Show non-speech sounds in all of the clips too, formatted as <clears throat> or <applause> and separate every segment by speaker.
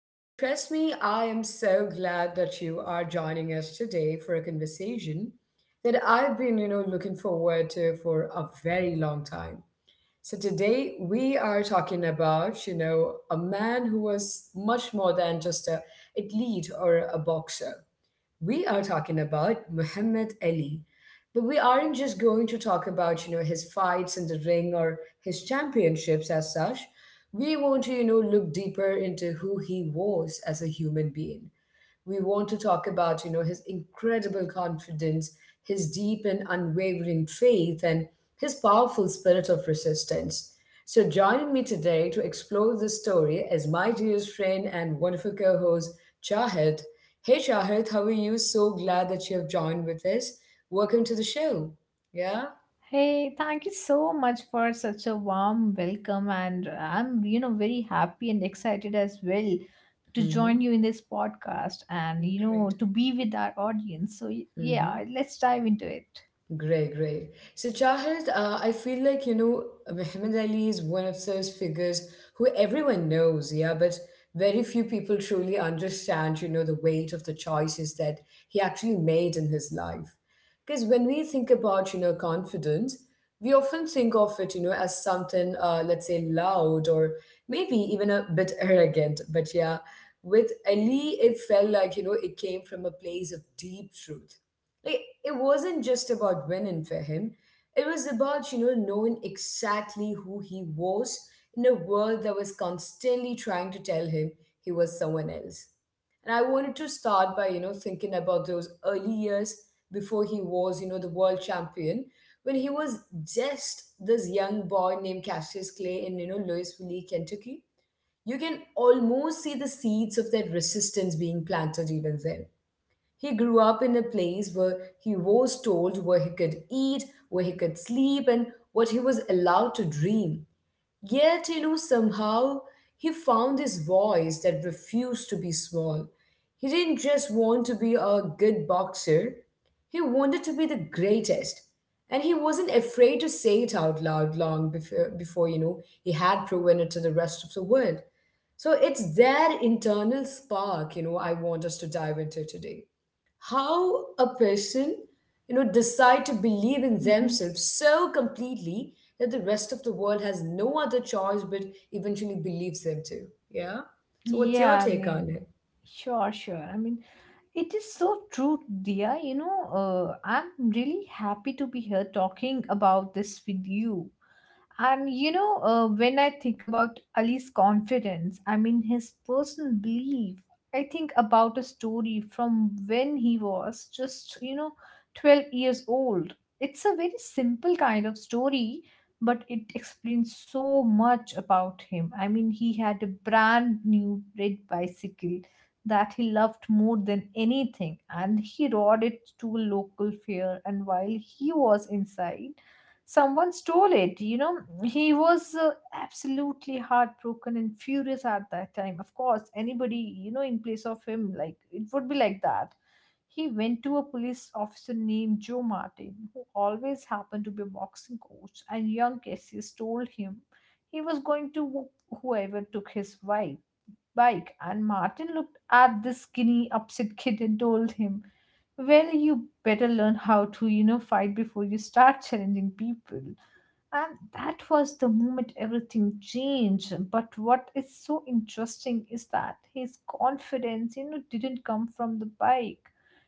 Speaker 1: Well, trust me, I am so glad that you are joining us today for a conversation that I've been, looking forward to for a very long time. So today we are talking about, a man who was much more than just a athlete or a boxer. We are talking about Muhammad Ali. But we aren't just going to talk about, his fights in the ring or his championships as such. We want to, look deeper into who he was as a human being. We want to talk about his incredible confidence, his deep and unwavering faith, and his powerful spirit of resistance. So joining me today to explore this story is my dearest friend and wonderful co-host Shahid. Hey Shahid, how are you? So glad that you have joined with us. Welcome to the show. Yeah.
Speaker 2: Hey, thank you so much for such a warm welcome, and I'm, you know, very happy and excited as well to
Speaker 1: Mm-hmm.
Speaker 2: join you in this podcast and, you know,
Speaker 1: Great.
Speaker 2: to be with our audience. So, yeah, let's dive into it.
Speaker 1: Great, great. So, Shahid, I feel like, Muhammad Ali is one of those figures who everyone knows, yeah, but very few people truly understand, the weight of the choices that he actually made in his life. Because when we think about, confidence, we often think of it, as something, let's say, loud or maybe even a bit <laughs> arrogant. But yeah, with Ali, it felt like, it came from a place of deep truth, like it wasn't just about winning for him. It was about, knowing exactly who he was in a world that was constantly trying to tell him he was someone else. And I wanted to start by, thinking about those early years before he was, the world champion, when he was just this young boy named Cassius Clay in, Louisville, Kentucky. You can almost see the seeds of that resistance being planted even then. He grew up in a place where he was told where he could eat, where he could sleep, and what he was allowed to dream. Yet, somehow he found his voice that refused to be small. He didn't just want to be a good boxer, he wanted to be the greatest. And he wasn't afraid to say it out loud long before, he had proven it to the rest of the world. So it's that internal spark, I want us to dive into today, how a person decide to believe in
Speaker 2: hmm
Speaker 1: themselves so completely that the rest of the world has no other choice but eventually believes them to. Yeah, so what's your
Speaker 2: Yeah, I
Speaker 1: take on
Speaker 2: mean,
Speaker 1: it?
Speaker 2: sure, sure. I mean, it is so true, dear. You know, I'm really happy to be here talking about this with you. And you know, when I think about Ali's confidence, I mean his personal belief, I think about a story from when he was just, you know, 12 years old. It's a very simple kind of story, but it explains so much about him. I mean, he had a brand new red bicycle that he loved more than anything, and he rode it to a local fair. And while he was inside, someone stole it. He was absolutely heartbroken and furious at that time. Of course, anybody, you know, in place of him, like it would be like that. He went to a police officer named Joe Martin, who always happened to be a boxing coach, and young Cassius told him he was going to whoop whoever took his wife bike. And Martin looked at this skinny upset kid and told him, well, you better learn how to, you know, fight before you start challenging people. And that was the moment everything changed. But what is so interesting is that his confidence, you know, didn't come from the bike.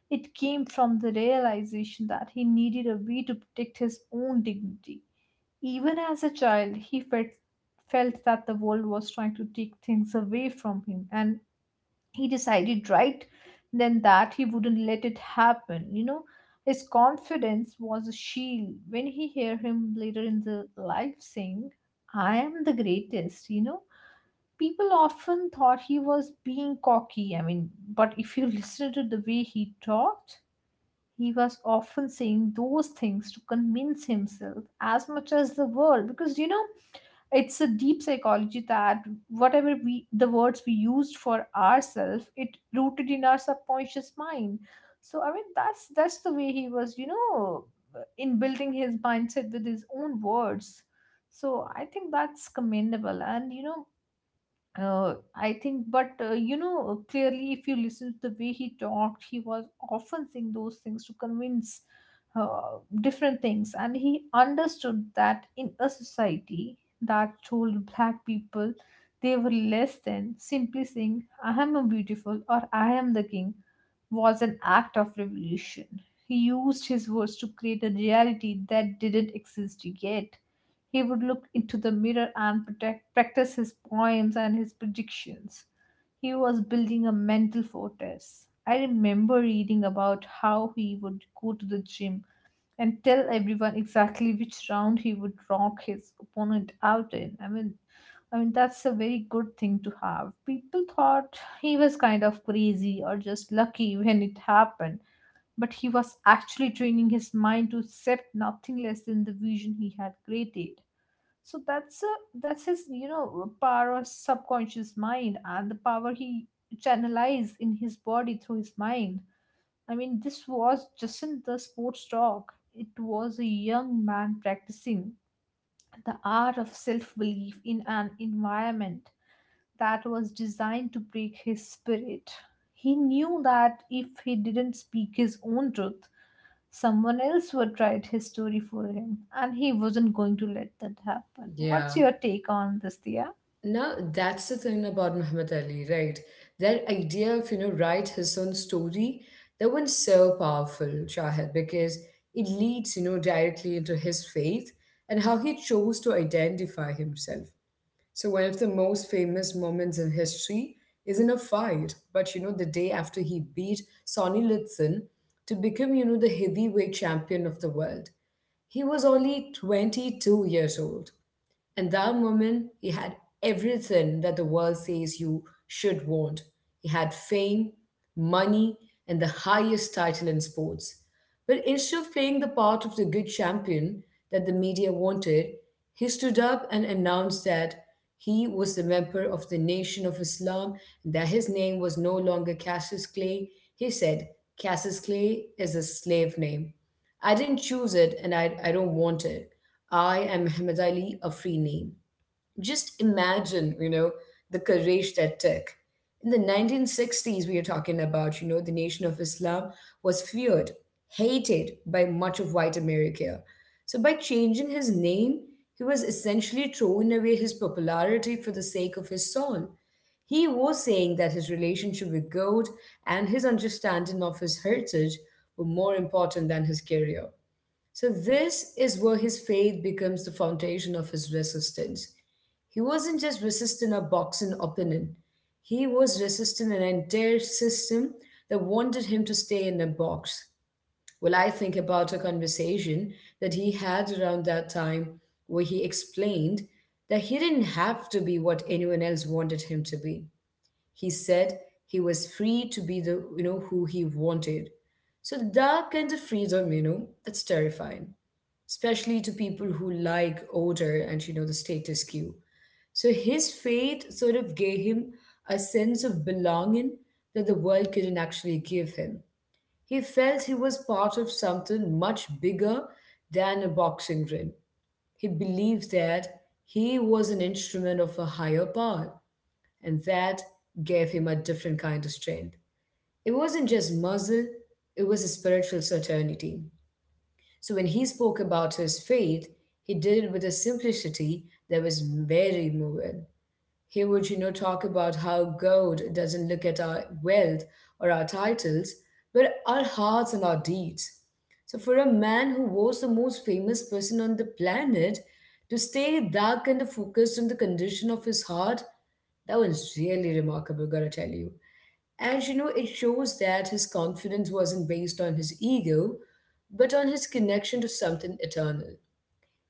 Speaker 2: It came from the realization that he needed a way to protect his own dignity. Even as a child, he felt that the world was trying to take things away from him, and he decided right then that he wouldn't let it happen, you know. His confidence was a shield. When he hear him later in the life saying, I am the greatest, you know, people often thought he was being cocky. But if you <laughs> listen to the way he talked, he was often saying those things to convince himself as much as the world, because, you know, it's a deep psychology that whatever we the words we used for ourselves, it rooted in our subconscious mind. So that's the way he was, you know, in building his mindset with his own words. So I think that's commendable. And you know, uh, I think, but you know, clearly, if you listen to the way he talked, he was often saying those things to convince different things, and he understood that in a society that told black people they were less than, simply saying, I am a beautiful or I am the king, was an act of revolution. He used his words to create a reality that didn't exist yet. He would look into the mirror and practice his poems and his predictions. He was building a mental fortress. I remember reading about how he would go to the gym and tell everyone exactly which round he would knock his opponent out in. I mean that's a very good thing to have. People thought he was kind of crazy or just lucky when it happened, but he was actually training his mind to accept nothing less than the vision he had created. So that's his, you know, power of subconscious mind and the power he channelized in his body through his mind. I mean, this was just in the sports talk. It was a young man practicing the art of self-belief in an environment that was designed to break his spirit. He knew that if he didn't speak his own truth, someone else would write his story for him, and he wasn't going to let that happen. What's
Speaker 1: Yeah,
Speaker 2: your take on this, Dia?
Speaker 1: now that's the thing about Muhammad Ali, right? That idea of write his own story, that one's so powerful, Shahid, because it leads directly into his faith and how he chose to identify himself. So one of the most famous moments in history isn't a fight, but the day after he beat Sonny Liston to become the heavyweight champion of the world. He was only 22 years old, and that moment, he had everything that the world says you should want. He had fame, money, and the highest title in sports. But instead of playing the part of the good champion that the media wanted, he stood up and announced that he was the member of the Nation of Islam and that his name was no longer Cassius Clay. He said, Cassius Clay is a slave name. I didn't choose it and I don't want it. I am Muhammad Ali, a free name. Just imagine, the courage that took. In the 1960s, we are talking about, the Nation of Islam was feared, hated by much of white America. So by changing his name, he was essentially throwing away his popularity for the sake of his soul. He was saying that his relationship with God and his understanding of his heritage were more important than his career. So, this is where his faith becomes the foundation of his resistance. He wasn't just resisting a boxing opponent, he was resisting an entire system that wanted him to stay in a box. Well, I think about a conversation that he had around that time where he explained that he didn't have to be what anyone else wanted him to be. He said he was free to be the, who he wanted. So that kind of freedom, that's terrifying, especially to people who like order and, the status quo. So his faith sort of gave him a sense of belonging that the world couldn't actually give him. He felt he was part of something much bigger than a boxing ring. He believed that he was an instrument of a higher power and that gave him a different kind of strength. It wasn't just muscle, it was a spiritual certainty. So when he spoke about his faith, he did it with a simplicity that was very moving. He would, talk about how God doesn't look at our wealth or our titles, but our hearts and our deeds. So, for a man who was the most famous person on the planet to stay that kind of focused on the condition of his heart, that was really remarkable, gotta tell you. And you know, it shows that his confidence wasn't based on his ego, but on his connection to something eternal.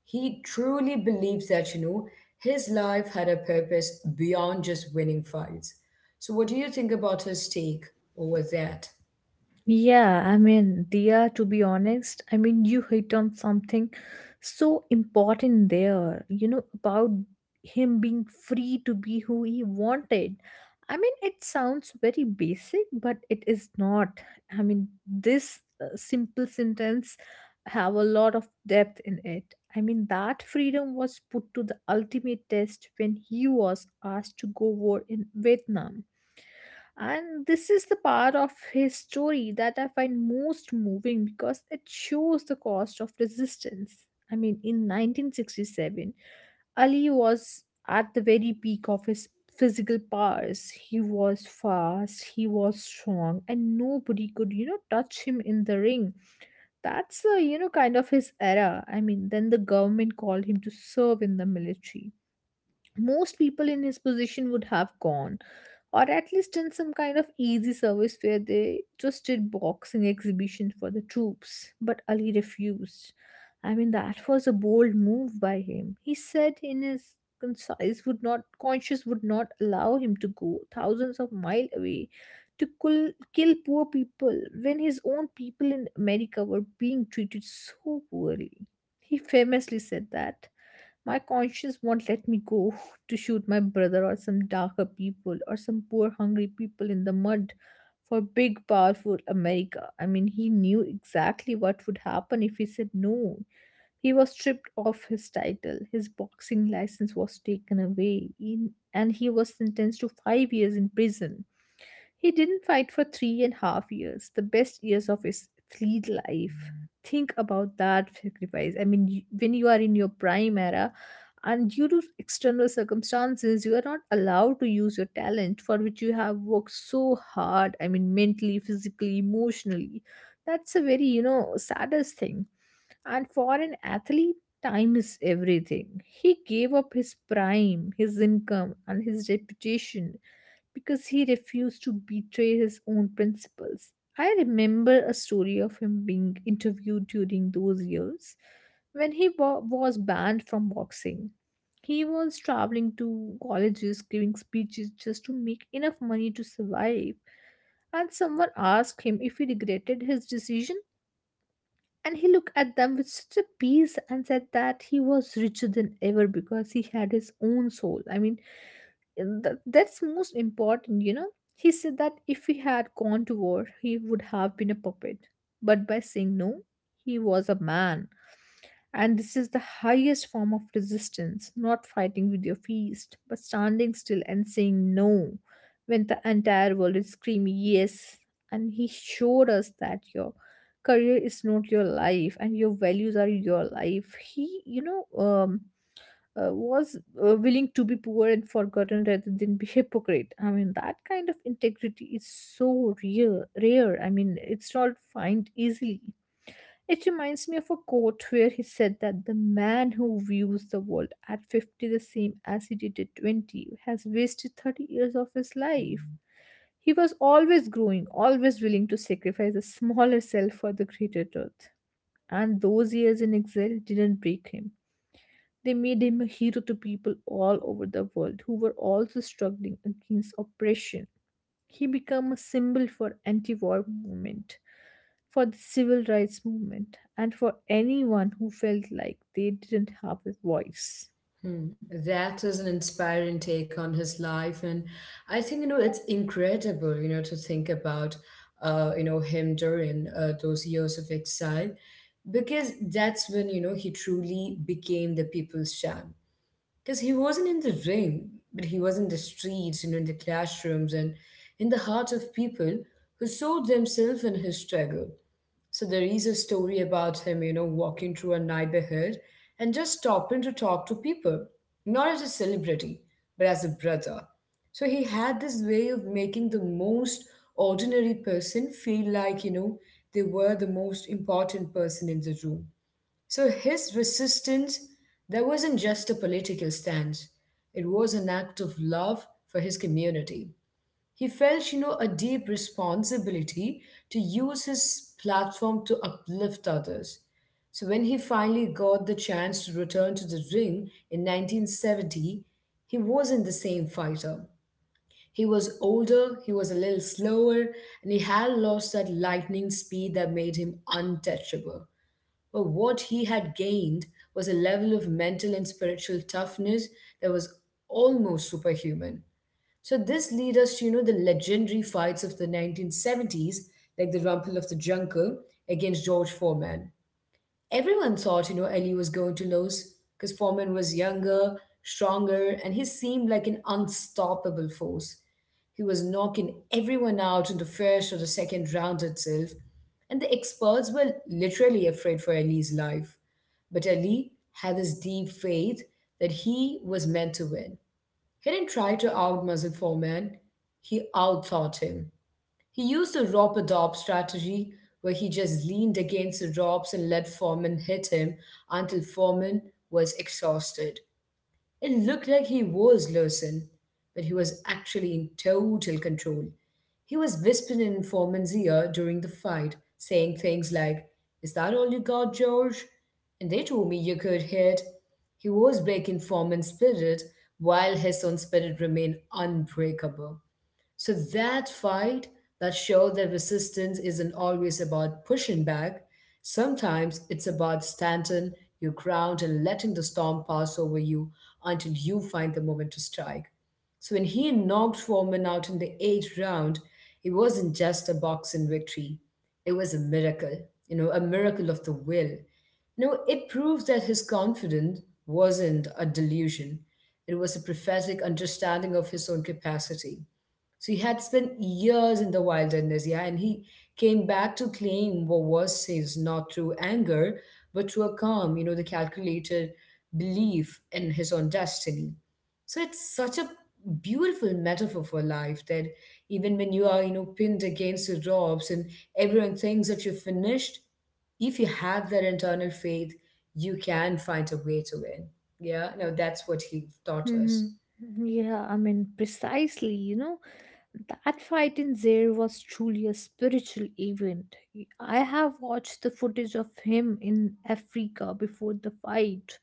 Speaker 1: He truly believes that, his life had a purpose beyond just winning fights. So, what do you think about his take over that?
Speaker 2: Yeah, I mean, Dia, to be honest, I mean, you hit on something so important there, you know, about him being free to be who he wanted. I mean, it sounds very basic, but it is not. I mean, this simple sentence have a lot of depth in it. I mean, that freedom was put to the ultimate test when he was asked to go war in Vietnam, and this is the part of his story that I find most moving because it shows the cost of resistance. I mean, in 1967, Ali was at the very peak of his physical powers. He was fast, he was strong, and nobody could, you know, touch him in the ring. That's, you know, kind of his era. I mean, then the government called him to serve in the military. Most people in his position would have gone, or at least done some kind of easy service where they just did boxing exhibition for the troops. But Ali refused. I mean, that was a bold move by him. He said in his concise would not conscience would not allow him to go thousands of mile away to kill poor people when his own people in America were being treated so poorly. He famously said that my conscience won't let me go to shoot my brother or some darker people or some poor hungry people in the mud for big powerful America. I mean, he knew exactly what would happen if he said no. He was stripped of his title, his boxing license was taken away, and he was sentenced to five years in prison. He didn't fight for three and a half years, the best years of his athlete life. Think about that sacrifice. I mean, when you are in your prime era, and due to external circumstances, you are not allowed to use your talent for which you have worked so hard. I mean, mentally, physically, emotionally. That's a very, you know, saddest thing. And for an athlete, time is everything. He gave up his prime, his income, and his reputation because he refused to betray his own principles. I remember a story of him being interviewed during those years when was banned from boxing. He was traveling to colleges giving speeches just to make enough money to survive, and someone asked him if he regretted his decision, and he looked at them with such a peace and said that he was richer than ever because he had his own soul. I mean, that's most important, you know. He said that if he had gone to war, he would have been a puppet. But by saying no, he was a man, and this is the highest form of resistance, not fighting with your fist, but standing still and saying no when the entire world is screaming yes. And he showed us that your career is not your life and your values are your life. He, you know, was willing to be poor and forgotten rather than be hypocrite. I mean, that kind of integrity is so rare. Rare. I mean, it's not find easily. It reminds me of a quote where he said that the man who views the world at 50 the same as he did at 20 has wasted 30 years of his life. He was always growing, always willing to sacrifice a smaller self for the greater truth. And those years in exile didn't break him. They made him a hero to people all over the world who were also struggling against oppression. He became a symbol for anti-war movement, for the civil rights movement, and for anyone who felt like they didn't have a voice.
Speaker 1: Hmm. That is an inspiring take on his life, and I think you know it's incredible, to think about, him during those years of exile, because that's when you know he truly became the people's champ. Because he wasn't in the ring, but he was in the streets and in the classrooms and in the hearts of people who saw themselves in his struggle. So there is a story about him, walking through a neighborhood and just stopping to talk to people, not as a celebrity, but as a brother. So he had this way of making the most ordinary person feel like, they were the most important person in the room. So his resistance, that wasn't just a political stance. It was an act of love for his community. He felt, a deep responsibility to use his platform to uplift others. So when he finally got the chance to return to the ring in 1970, he wasn't the same fighter. He was older, he was a little slower, and he had lost that lightning speed that made him untouchable. But what he had gained was a level of mental and spiritual toughness that was almost superhuman. So this leads us to, the legendary fights of the 1970s, like the Rumble of the Jungle against George Foreman. Everyone thought, Ellie was going to lose because Foreman was younger, stronger, and he seemed like an unstoppable force. He was knocking everyone out in the first or the second round itself, and the experts were literally afraid for Ellie's life. But Ellie had this deep faith that he was meant to win. He didn't try to outmuscle Foreman, he outthought him. He used the rope a dope strategy where he just leaned against the ropes and let Foreman hit him until Foreman was exhausted. It looked like he was losing, but he was actually in total control. He was whispering in Foreman's ear during the fight, saying things like, Is that all you got, George? And they told me you could hit. He was breaking Foreman's spirit while his own spirit remained unbreakable. So that fight that showed that resistance isn't always about pushing back, sometimes it's about standing your ground and letting the storm pass over you until you find the moment to strike. So when he knocked Foreman out in the eighth round, it wasn't just a boxing victory. It was a miracle, a miracle of the will. You know, it proves that his confidence wasn't a delusion. It was a prophetic understanding of his own capacity. So he had spent years in the wilderness, yeah, and he came back to claim what was his not through anger, but through a calm, the calculated belief in his own destiny. So it's such a beautiful metaphor for life that even when you are, pinned against the ropes and everyone thinks that you're finished, if you have that internal faith, you can find a way to win. Yeah, no, that's what he taught
Speaker 2: hmm
Speaker 1: us.
Speaker 2: Yeah, I mean, precisely, you know, that fight in Zaire was truly a spiritual event. I have watched the footage of him in Africa before the fight,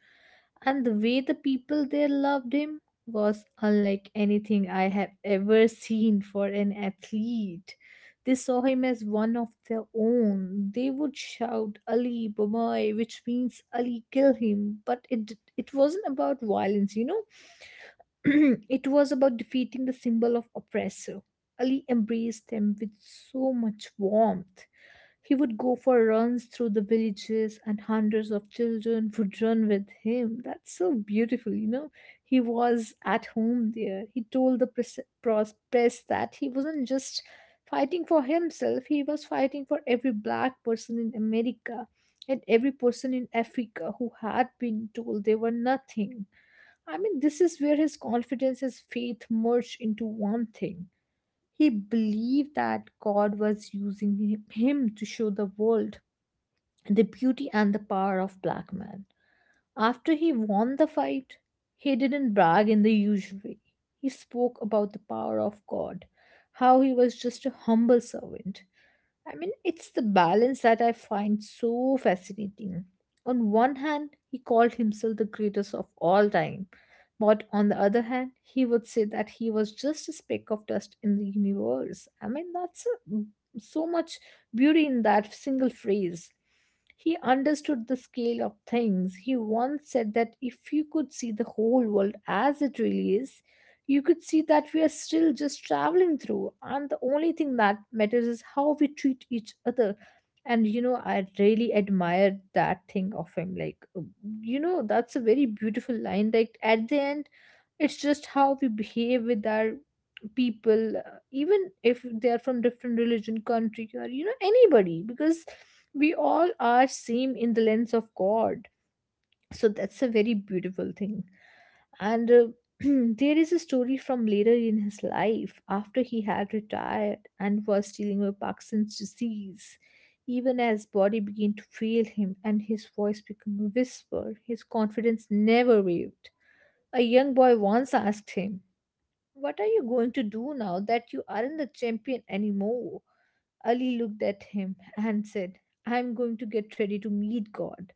Speaker 2: and the way the people there loved him was unlike anything I have ever seen for an athlete. They saw him as one of their own. They would shout Ali Bomai," which means Ali kill him, but it wasn't about violence, you know. <clears throat> It was about defeating the symbol of oppressor. Ali embraced them with so much warmth. He would go for runs through the villages, and hundreds of children would run with him. That's so beautiful, you know. He was at home there. He told the press that he wasn't just fighting for himself, he was fighting for every black person in America and every person in Africa who had been told they were nothing. I mean, this is where his confidence, his faith merged into one thing. He believed that God was using him to show the world the beauty and the power of black man. After he won the fight, he didn't brag in the usual way. He spoke about the power of God, how he was just a humble servant. I mean, it's the balance that I find so fascinating. On one hand, he called himself the greatest of all time, but on the other hand, he would say that he was just a speck of dust in the universe. I mean, that's a- so much beauty in that single phrase. He understood the scale of things. He once said that if you could see the whole world as it really is, you could see that we are still just traveling through, and the only thing that matters is how we treat each other. And I really admire that thing of him, like that's a very beautiful line. Like at the end, it's just how we behave with our people, even if they are from different religion, country, or anybody, because we all are same in the lens of God. So that's a very beautiful thing. And <clears throat> there is a story from later in his life, after he had retired and was dealing with Parkinson's disease. Even as body began to fail him and his voice became a whisper, his confidence never wavered. A young boy once asked him, what are you going to do now that you aren't the champion anymore? Ali looked at him and said, I'm going to get ready to meet God.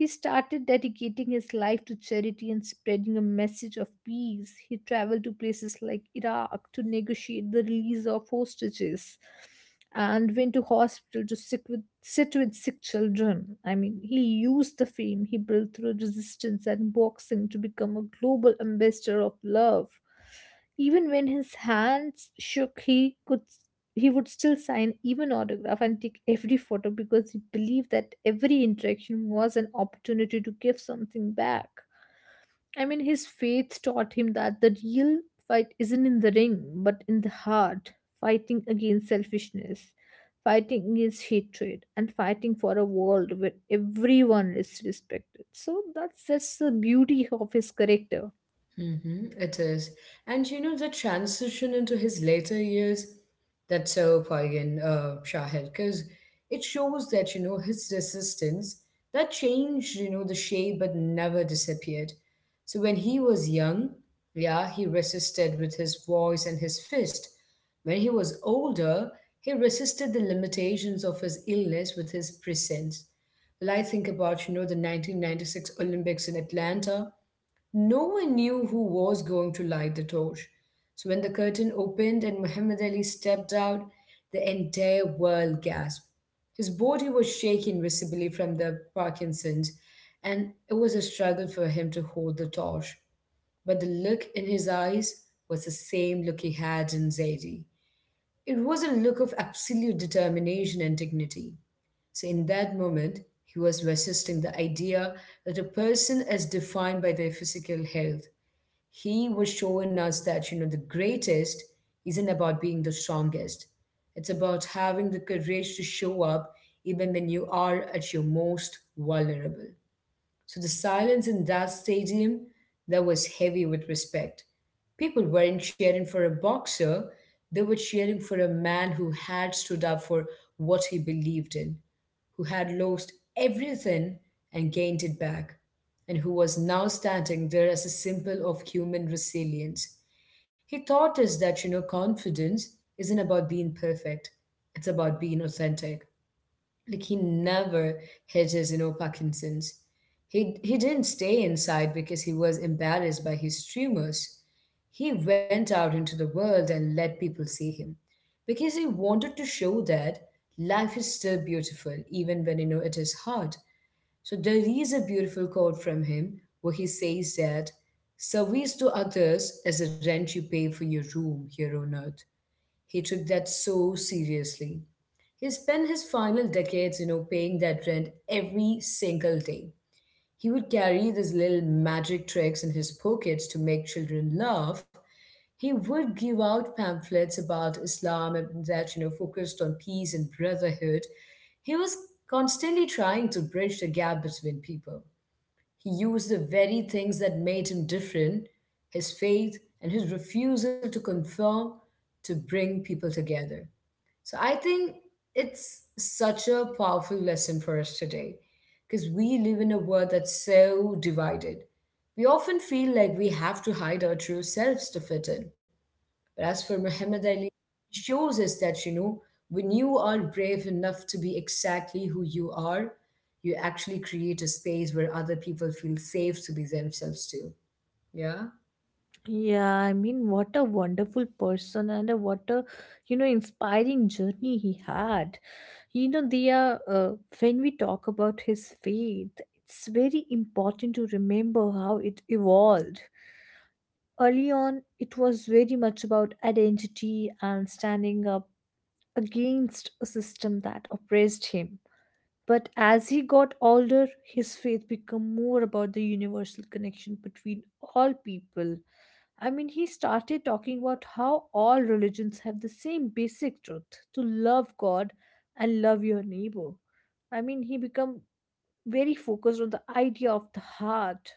Speaker 2: He started dedicating his life to charity and spreading a message of peace. He traveled to places like Iraq to negotiate the release of hostages, and went to hospital to sit with sick children. I mean, he used the fame he built through resistance and boxing to become a global ambassador of love. Even when his hands shook, he would still sign even autograph and take every photo, because he believed that every interaction was an opportunity to give something back. I mean, his faith taught him that the real fight isn't in the ring, but in the heart: fighting against selfishness, fighting against hatred, and fighting for a world where everyone is respected. So that's just the beauty of his character.
Speaker 1: Mm-hmm, it is. And you know, the transition into his later years, that's so poignant, Shahid, because it shows that, you know, his resistance, that changed, you know, the shape but never disappeared. So when he was young, yeah, he resisted with his voice and his fist. When he was older, he resisted the limitations of his illness with his presence. Well, I think about, you know, the 1996 Olympics in Atlanta, no one knew who was going to light the torch. So when the curtain opened and Muhammad Ali stepped out, the entire world gasped. His body was shaking visibly from the Parkinson's, and it was a struggle for him to hold the torch. But the look in his eyes was the same look he had in Zaidi. It was a look of absolute determination and dignity. So, in that moment, he was resisting the idea that a person is defined by their physical health. He was showing us that, you know, the greatest isn't about being the strongest, it's about having the courage to show up even when you are at your most vulnerable. So the silence in that stadium, that was heavy with respect. People weren't cheering for a boxer, they were cheering for a man who had stood up for what he believed in, who had lost everything and gained it back, and who was now standing there as a symbol of human resilience. He taught us that, you know, confidence isn't about being perfect, it's about being authentic like he never hedges, you know, Parkinson's. He didn't stay inside because he was embarrassed by his tumors. He went out into the world and let people see him because he wanted to show that life is still beautiful even when, you know, it is hard. So there is a beautiful quote from him where he says that service to others is the rent you pay for your room here on earth. He took that so seriously. He spent his final decades, you know, paying that rent every single day. He would carry these little magic tricks in his pockets to make children laugh. He would give out pamphlets about Islam and that, you know, focused on peace and brotherhood. He was constantly trying to bridge the gap between people. He used the very things that made him different, his faith and his refusal to conform, to bring people together. So I think it's such a powerful lesson for us today because we live in a world that's so divided. We often feel like we have to hide our true selves to fit in. But as for Muhammad Ali, he shows us that, you know, when you are brave enough to be exactly who you are, you actually create a space where other people feel safe to be themselves too. Yeah.
Speaker 2: Yeah, I mean, what a wonderful person, and what a, inspiring journey he had. Diya, when we talk about his faith, it's very important to remember how it evolved. Early on, it was very much about identity and standing up against a system that oppressed him. But as he got older, his faith became more about the universal connection between all people. I mean, he started talking about how all religions have the same basic truth: to love God and love your neighbor. I mean, he became very focused on the idea of the heart.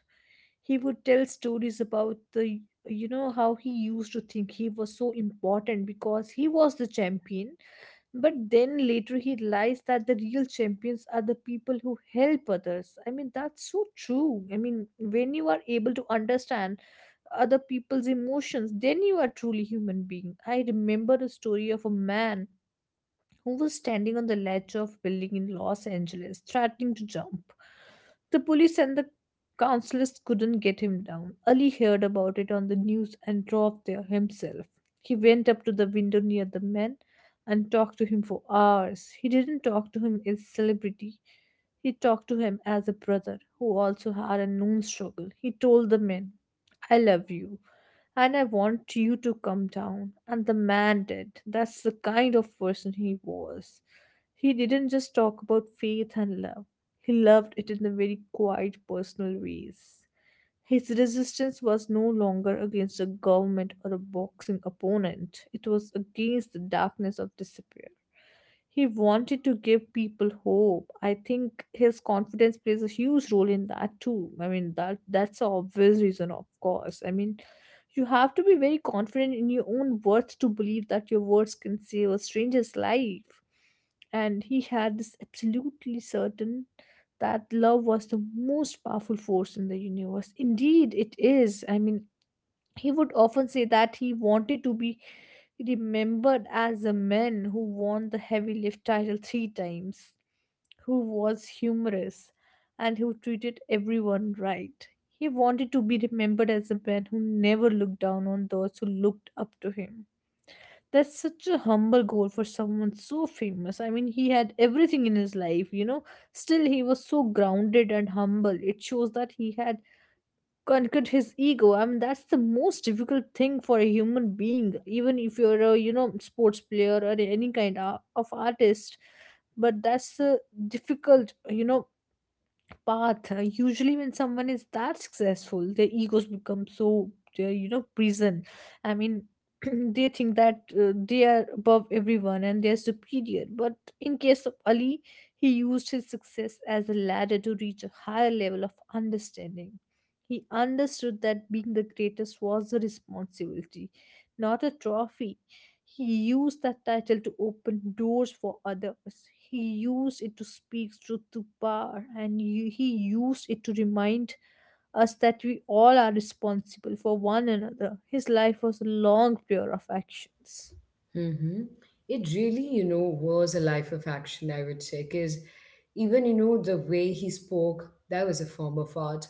Speaker 2: He would tell stories about how he used to think he was so important because he was the champion, but then later he realized that the real champions are the people who help others. I mean, that's so true. I mean, when you are able to understand other people's emotions, then you are truly human being. I remember a story of a man who was standing on the ledge of a building in Los Angeles, threatening to jump. The police and the counselors couldn't get him down. Ali heard about it on the news and drove there himself. He went up to the window near the man and talked to him for hours. He didn't talk to him as celebrity. He talked to him as a brother who also had a known struggle. He told the man, I love you and I want you to come down. And the man did. That's the kind of person he was. He didn't just talk about faith and love, he loved it in a very quiet, personal ways. His resistance was no longer against a government or a boxing opponent, it was against the darkness of despair. He wanted to give people hope. I think his confidence plays a huge role in that too. I mean, that's an obvious reason, of course. I mean, you have to be very confident in your own worth to believe that your words can save a stranger's life, and he had this absolutely certain that love was the most powerful force in the universe. Indeed, it is. I mean, he would often say that he wanted to be remembered as a man who won the heavy lift title three times, who was humorous, and who treated everyone right. He wanted to be remembered as a man who never looked down on those who looked up to him. That's such a humble goal for someone so famous. I mean, he had everything in his life, you know. Still, he was so grounded and humble. It shows that he had conquered his ego. I mean, that's the most difficult thing for a human being, even if you're a, sports player or any kind of artist. But that's a difficult, path. Usually, when someone is that successful, their egos become so, prison. I mean, <clears throat> they think that they are above everyone and they are superior. But in case of Ali, he used his success as a ladder to reach a higher level of understanding. He understood that being the greatest was a responsibility, not a trophy. He used that title to open doors for others. He used it to speak truth to power, and he used it to remind us that we all are responsible for one another. His life was a long prayer of actions.
Speaker 1: Mm-hmm. It really, you know, was a life of action, I would say, because even, you know, the way he spoke, that was a form of art.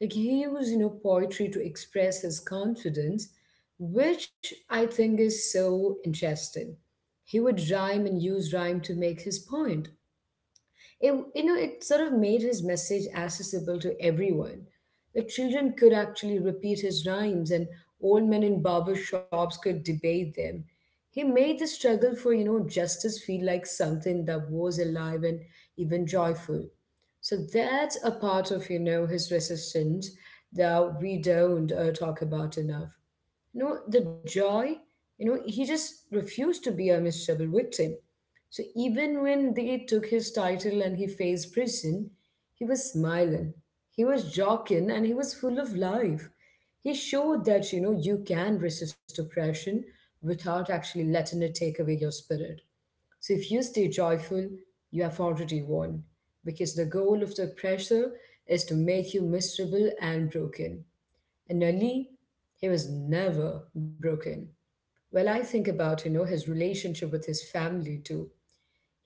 Speaker 1: Like he used, you know, poetry to express his confidence, which I think is so interesting. He would rhyme and use rhyme to make his point. It, you know, it sort of made his message accessible to everyone. The children could actually repeat his rhymes, and old men in barber shops could debate them. He made the struggle for, you know, justice feel like something that was alive and even joyful. So that's a part of, you know, his resistance that we don't talk about enough, you know, the joy. You know, he just refused to be a miserable victim. So even when they took his title and he faced prison, he was smiling, he was joking, and he was full of life. He showed that, you know, you can resist oppression without actually letting it take away your spirit. So if you stay joyful, you have already won, because the goal of the oppressor is to make you miserable and broken, and Ali, he was never broken. Well, I think about, you know, his relationship with his family too.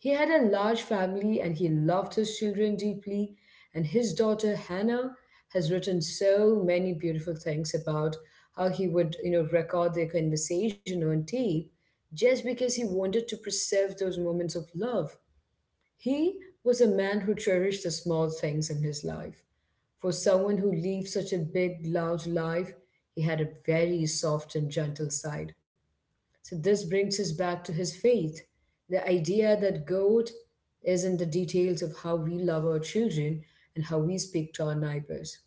Speaker 1: He had a large family and he loved his children deeply. And his daughter Hannah has written so many beautiful things about how he would, you know, record their conversation on tape just because he wanted to preserve those moments of love. He was a man who cherished the small things in his life. For someone who lived such a big, loud life, he had a very soft and gentle side. So this brings us back to his faith. The idea that God is in the details of how we love our children and how we speak to our neighbors.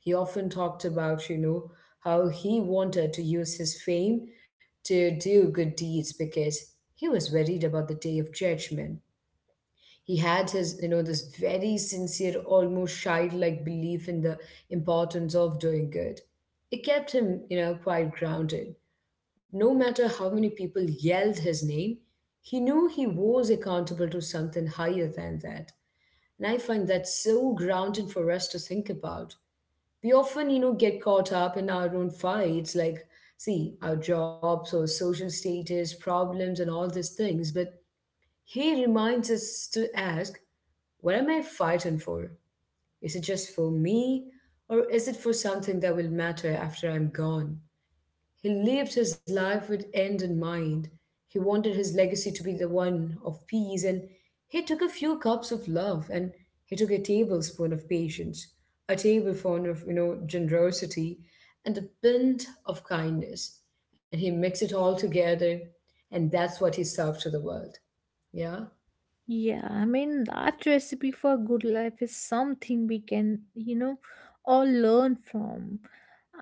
Speaker 1: He often talked about, you know, how he wanted to use his fame to do good deeds because he was worried about the day of judgment. He had his, you know, this very sincere, almost childlike belief in the importance of doing good. It kept him, you know, quite grounded. No matter how many people yelled his name, he knew he was accountable to something higher than that. And I find that so grounded for us to think about. We often, you know, get caught up in our own fights, like, see, our jobs or social status, problems, and all these things. But he reminds us to ask, what am I fighting for? Is it just for me, or is it for something that will matter after I'm gone? He lived his life with end in mind. He wanted his legacy to be the one of peace, and he took a few cups of love, and he took a tablespoon of patience, a tablespoon of, you know, generosity, and a pint of kindness, and he mixed it all together, and that's what he served to the world. Yeah.
Speaker 2: Yeah, I mean, that recipe for good life is something we can, all learn from.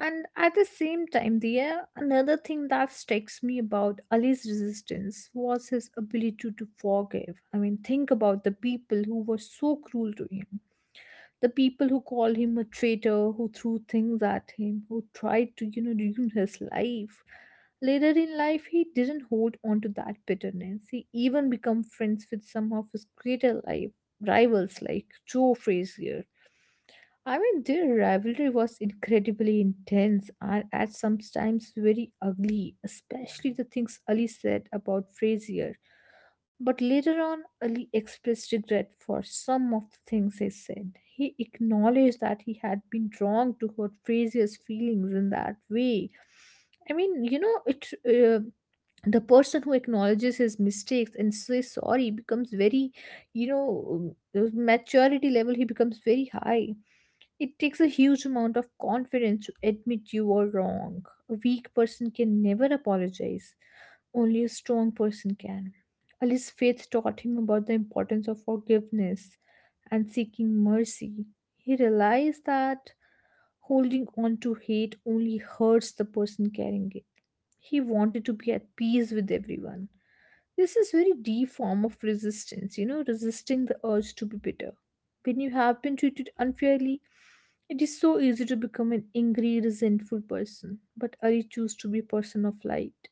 Speaker 2: And at the same time, there, another thing that strikes me about Ali's resistance was his ability to forgive. I mean, think about the people who were so cruel to him: the people who called him a traitor, who threw things at him, who tried to, ruin his life. Later in life, he didn't hold on to that bitterness. He even became friends with some of his greater life rivals, like Joe Frazier. I mean, their rivalry was incredibly intense and at some times very ugly, especially the things Ali said about Frazier. But later on, Ali expressed regret for some of the things he said. He acknowledged that he had been wrong to hurt Frazier's feelings in that way. I mean, you know, it. The person who acknowledges his mistakes and says sorry becomes very, maturity level, he becomes very high. It takes a huge amount of confidence to admit you are wrong. A weak person can never apologize. Only a strong person can. Ali's faith taught him about the importance of forgiveness and seeking mercy. He realized that holding on to hate only hurts the person carrying it. He wanted to be at peace with everyone. This is very deep form of resistance, you know, resisting the urge to be bitter. When you have been treated unfairly, it is so easy to become an angry, resentful person. But Ari chose to be a person of light.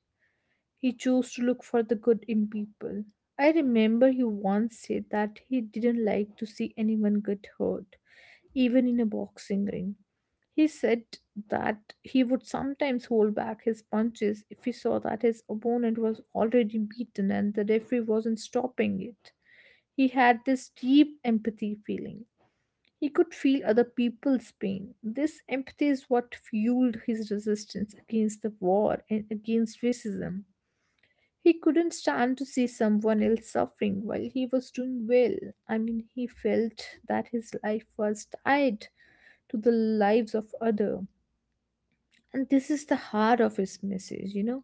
Speaker 2: He chose to look for the good in people. I remember he once said that he didn't like to see anyone get hurt, even in a boxing ring. He said that he would sometimes hold back his punches if he saw that his opponent was already beaten and the referee wasn't stopping it. He had this deep empathy feeling. He could feel other people's pain. This empathy is what fueled his resistance against the war and against racism. He couldn't stand to see someone else suffering while he was doing well. I mean, he felt that his life was tied to the lives of others. And this is the heart of his message, you know.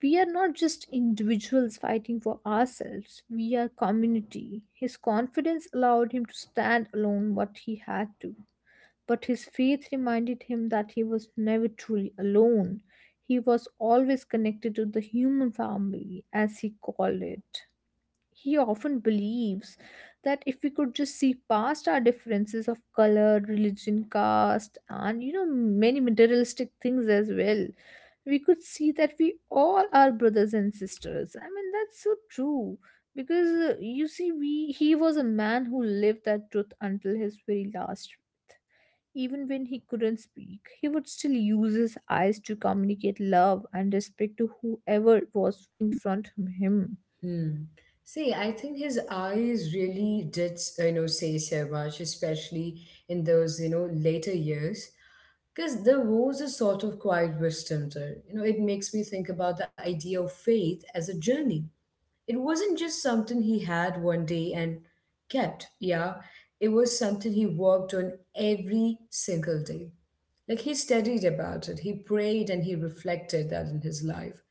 Speaker 2: We are not just individuals fighting for ourselves, we are community. His confidence allowed him to stand alone what he had to. But his faith reminded him that he was never truly alone. He was always connected to the human family, as he called it. He often believes that if we could just see past our differences of color, religion, caste, and many materialistic things as well, we could see that we all are brothers and sisters. I mean, that's so true, because you see, we he was a man who lived that truth until his very last breath. Even when he couldn't speak, he would still use his eyes to communicate love and respect to whoever was in front of him.
Speaker 1: Hmm. See, I think his eyes really did, you know, say so much, especially in those, you know, later years, because there was a sort of quiet wisdom there. You know, it makes me think about the idea of faith as a journey. It wasn't just something he had one day and kept, yeah. It was something he worked on every single day. Like he studied about it, he prayed and he reflected that in his life,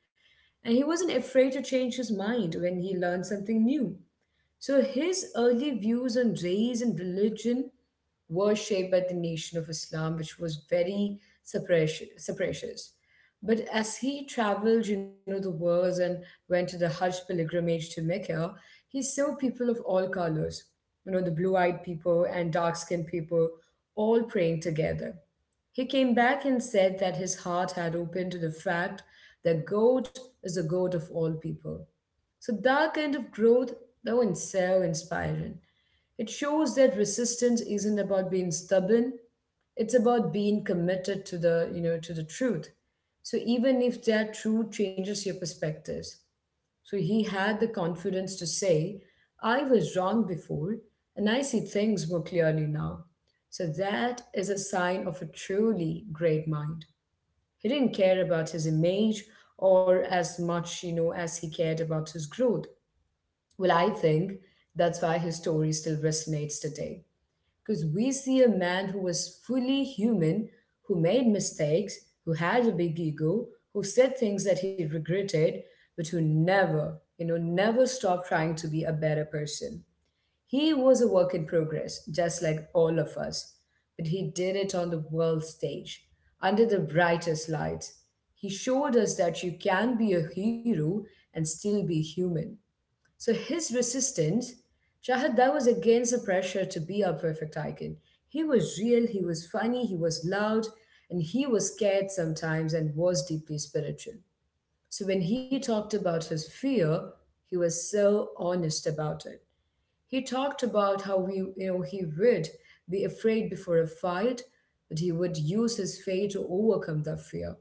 Speaker 1: and he wasn't afraid to change his mind when he learned something new. So his early views on race and religion were shaped by the Nation of Islam, which was very suppressive. But as he traveled, you know, the world and went to the Hajj pilgrimage to Mecca, he saw people of all colors, you know, the blue eyed people and dark skinned people all praying together. He came back and said that his heart had opened to the fact that God is the God of all people. So that kind of growth, that one's so inspiring. It shows that resistance isn't about being stubborn, it's about being committed to the, you know, to the truth. So even if that truth changes your perspectives. So he had the confidence to say, I was wrong before, and I see things more clearly now. So that is a sign of a truly great mind. He didn't care about his image or as much, you know, as he cared about his growth. Well, I think that's why his story still resonates today. Because we see a man who was fully human, who made mistakes, who had a big ego, who said things that he regretted, but who never, you know, never stopped trying to be a better person. He was a work in progress, just like all of us, but he did it on the world stage, under the brightest lights. He showed us that you can be a hero and still be human. So his resistance, Shahad, that was against the pressure to be a perfect icon. He was real, he was funny, he was loud, and he was scared sometimes and was deeply spiritual. So when he talked about his fear, he was so honest about it. He talked about how we, you know, he would be afraid before a fight, but he would use his faith to overcome that fear.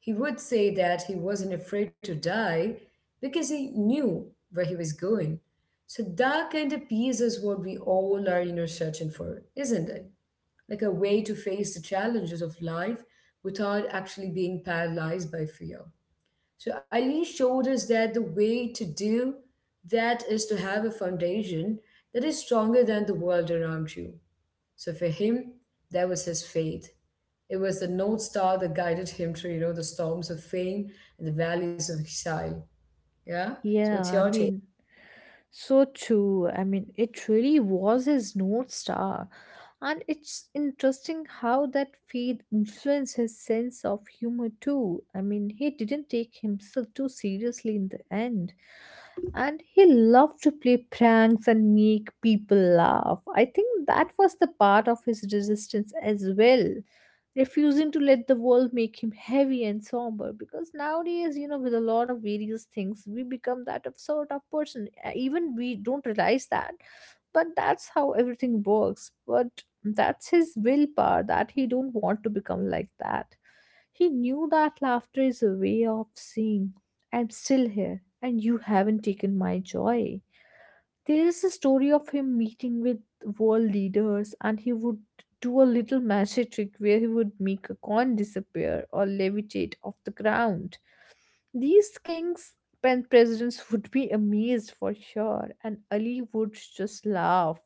Speaker 1: He would say that he wasn't afraid to die because he knew where he was going. So that kind of peace is what we all are, you know, searching for, isn't it? Like a way to face the challenges of life without actually being paralyzed by fear. So Ali showed us that the way to do that is to have a foundation that is stronger than the world around you. So for him, that was his fate. It was the North Star that guided him through, you know, the storms of fame and the valleys of exile. Yeah. So what's
Speaker 2: Yeah, I
Speaker 1: your take?
Speaker 2: mean. So true. I mean, it really was his North Star. And it's interesting how that faith influenced his sense of humor too. I mean, he didn't take himself too seriously in the end. And he loved to play pranks and make people laugh. I think that was the part of his resistance as well, refusing to let the world make him heavy and somber. Because nowadays, you know, with a lot of various things we become that of sort of person. Even we don't realize that, but that's how everything works. But that's his willpower, that he don't want to become like that. He knew that laughter is a way of saying, I'm still here and you haven't taken my joy. There is a story of him meeting with world leaders, and he would do a little magic trick where he would make a coin disappear or levitate off the ground. These kings and presidents would be amazed for sure, and Ali would just laugh.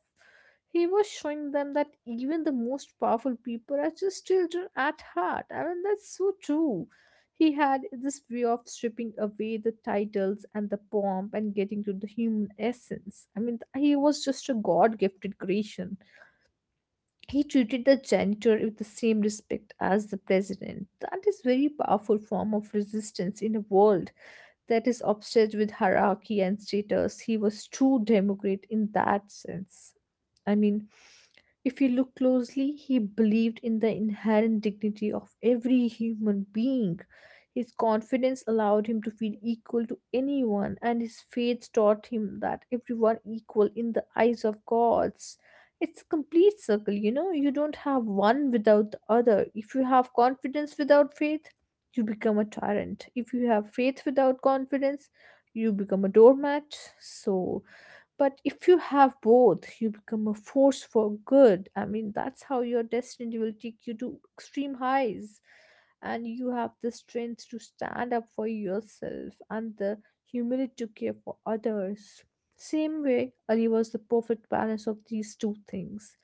Speaker 2: He was showing them that even the most powerful people are just children at heart. I mean, that's so true. He had this way of stripping away the titles and the pomp and getting to the human essence. I mean, he was just a God gifted creation. He treated the janitor with the same respect as the president. That is very powerful form of resistance in a world that is obsessed with hierarchy and status. He was true democrat in that sense. I mean, if you look closely, he believed in the inherent dignity of every human being. His confidence allowed him to feel equal to anyone, and his faith taught him that everyone equal in the eyes of gods. It's a complete circle, you know. You don't have one without the other. If you have confidence without faith, you become a tyrant. If you have faith without confidence, you become a doormat. So, but if you have both, you become a force for good. I mean, that's how your destiny will take you to extreme highs. And you have the strength to stand up for yourself and the humility to care for others. Same way, Ali was the perfect balance of these two things.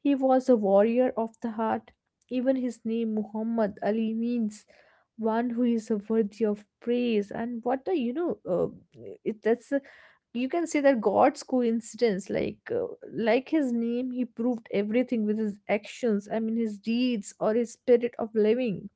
Speaker 2: He was a warrior of the heart. Even his name, Muhammad Ali, means one who is worthy of praise. And what a, you know, that's a, you can say that God's coincidence. Like his name, he proved everything with his actions. I mean, his deeds or his spirit of living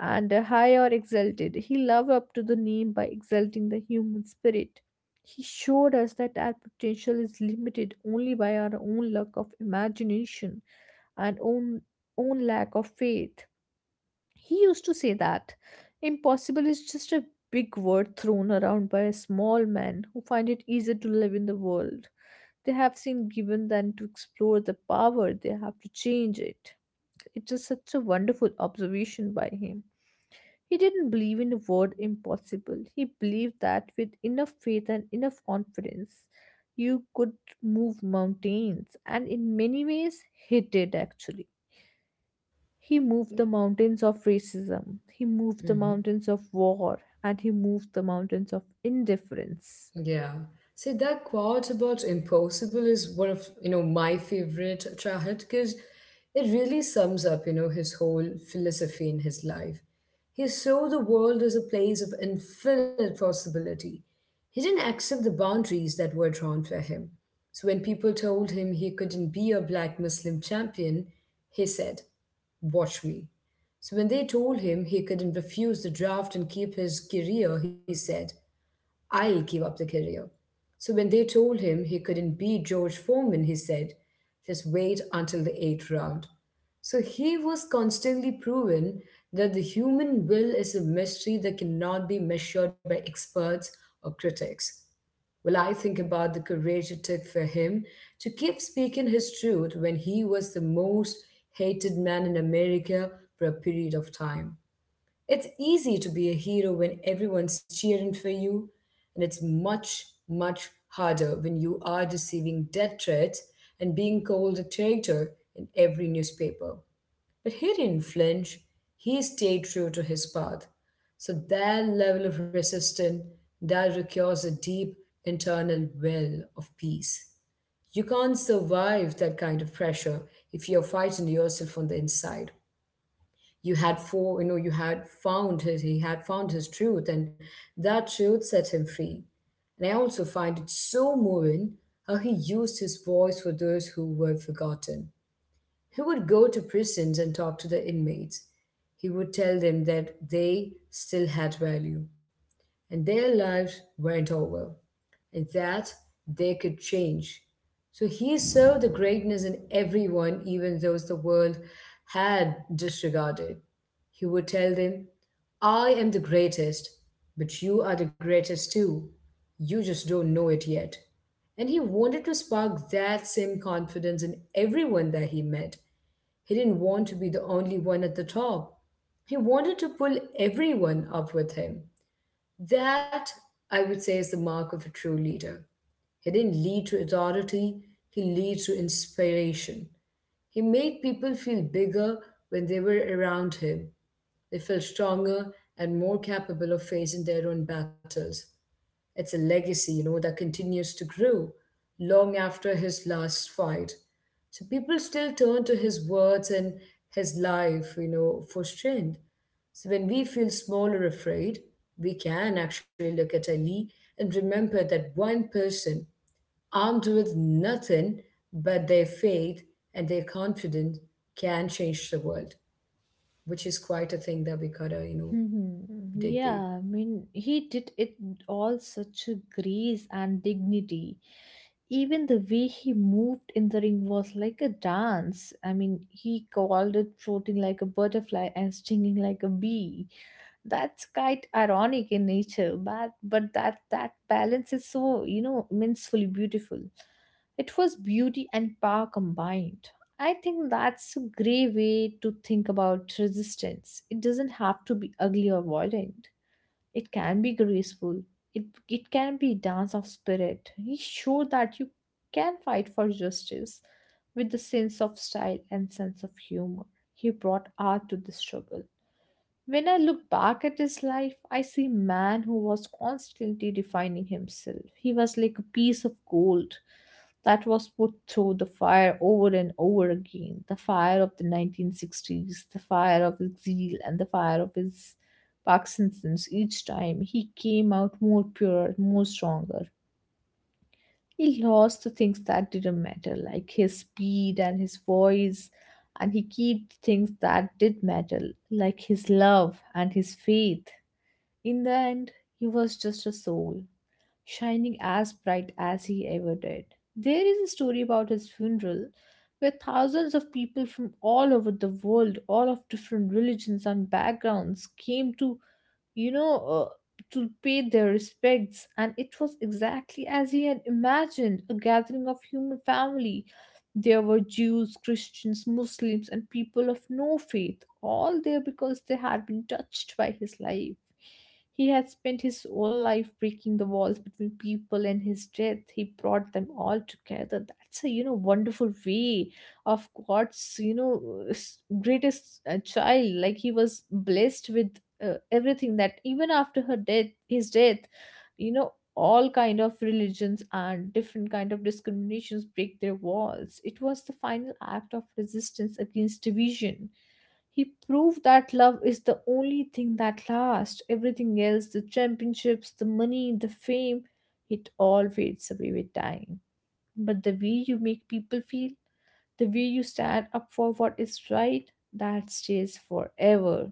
Speaker 2: and high or exalted. He loved up to the name by exalting the human spirit. He showed us that our potential is limited only by our own lack of imagination and own own lack of faith. He used to say that impossible is just a big word thrown around by a small men who find it easier to live in the world they have seen given than to explore the power they have to change it. It's just such a wonderful observation by him. He didn't believe in the word impossible. He believed that with enough faith and enough confidence, you could move mountains. And in many ways, he did actually. He moved the mountains of racism, he moved the
Speaker 1: Hmm.
Speaker 2: mountains of war, and he moved the mountains of indifference.
Speaker 1: Yeah. See, that quote about impossible is one of, you know, my favorite Chahat, because it really sums up, you know, his whole philosophy in his life. He saw the world as a place of infinite possibility. He didn't accept the boundaries that were drawn for him. So when people told him he couldn't be a black Muslim champion, he said, watch me. So when they told him he couldn't refuse the draft and keep his career, he said, I'll give up the career. So when they told him he couldn't beat George Foreman, he said, just wait until the eighth round. So he was constantly proven that the human will is a mystery that cannot be measured by experts or critics. Well, I think about the courage it took for him to keep speaking his truth when he was the most hated man in America for a period of time. It's easy to be a hero when everyone's cheering for you, and it's much, much harder when you are receiving death threats and being called a traitor in every newspaper. But he didn't flinch, he stayed true to his path. So that level of resistance, that requires a deep internal well of peace. You can't survive that kind of pressure if you're fighting yourself on the inside. You had for you know you had found his He had found his truth, and that truth set him free. And I also find it so moving how he used his voice for those who were forgotten. He would go to prisons and talk to the inmates. He would tell them that they still had value and their lives weren't over, that they could change. So he saw the greatness in everyone, even those the world had disregarded. He would tell them, I am the greatest, but you are the greatest too. You just don't know it yet. And he wanted to spark that same confidence in everyone that he met. He didn't want to be the only one at the top. He wanted to pull everyone up with him. That, I would say, is the mark of a true leader. He didn't lead to authority, he led to inspiration. He made people feel bigger when they were around him. They felt stronger and more capable of facing their own battles. It's a legacy, you know, that continues to grow long after his last fight. So people still turn to his words and his life, you know, for strength. So when we feel small or afraid, we can actually look at Ali and remember that one person armed with nothing but their faith and their confidence can change the world, which is quite a thing that we gotta, you know,
Speaker 2: Mhm.
Speaker 1: dig deep.
Speaker 2: Yeah, I mean, he did it all such a grace and dignity. Even the way he moved in the ring was like a dance. I mean, he called it floating like a butterfly and stinging like a bee. That's quite ironic in nature, but that balance is so, you know, immensely beautiful. It was beauty and power combined. I think that's a grey way to think about resistance. It doesn't have to be ugly or violent. It can be graceful. It can be dance of spirit. You show that you can fight for justice with the sense of style and sense of humor. He brought art to the struggle. When I look back at his life, I see a man who was constantly defining himself. He was like a piece of gold that was put through the fire over and over again, the fire of the 1960s, the fire of his zeal, and the fire of his Parkinson's. Each time he came out more pure, more stronger. He lost the things that didn't matter, like his speed and his voice, and he kept the things that did matter, like his love and his faith. In the end, he was just a soul, shining as bright as he ever did. There is a story about his funeral where thousands of people from all over the world, all of different religions and backgrounds, came to you know, uh, to pay their respects, and it was exactly as he had imagined a gathering of human family. There were Jews, Christians, Muslims, and people of no faith, all there because they had been touched by his life. He had spent his whole life breaking the walls between people, and his death, he brought them all together. That's a, you know, wonderful way of God's, you know, greatest child. Like he was blessed with everything, that even after her death, his death, you know, all kind of religions and different kind of discriminations break their walls. It was the final act of resistance against division. He proved that love is the only thing that lasts. Everything else, the championships, the money, the fame, it all fades away with time. But the way you make people feel, the way you stand up for what is right, that stays forever.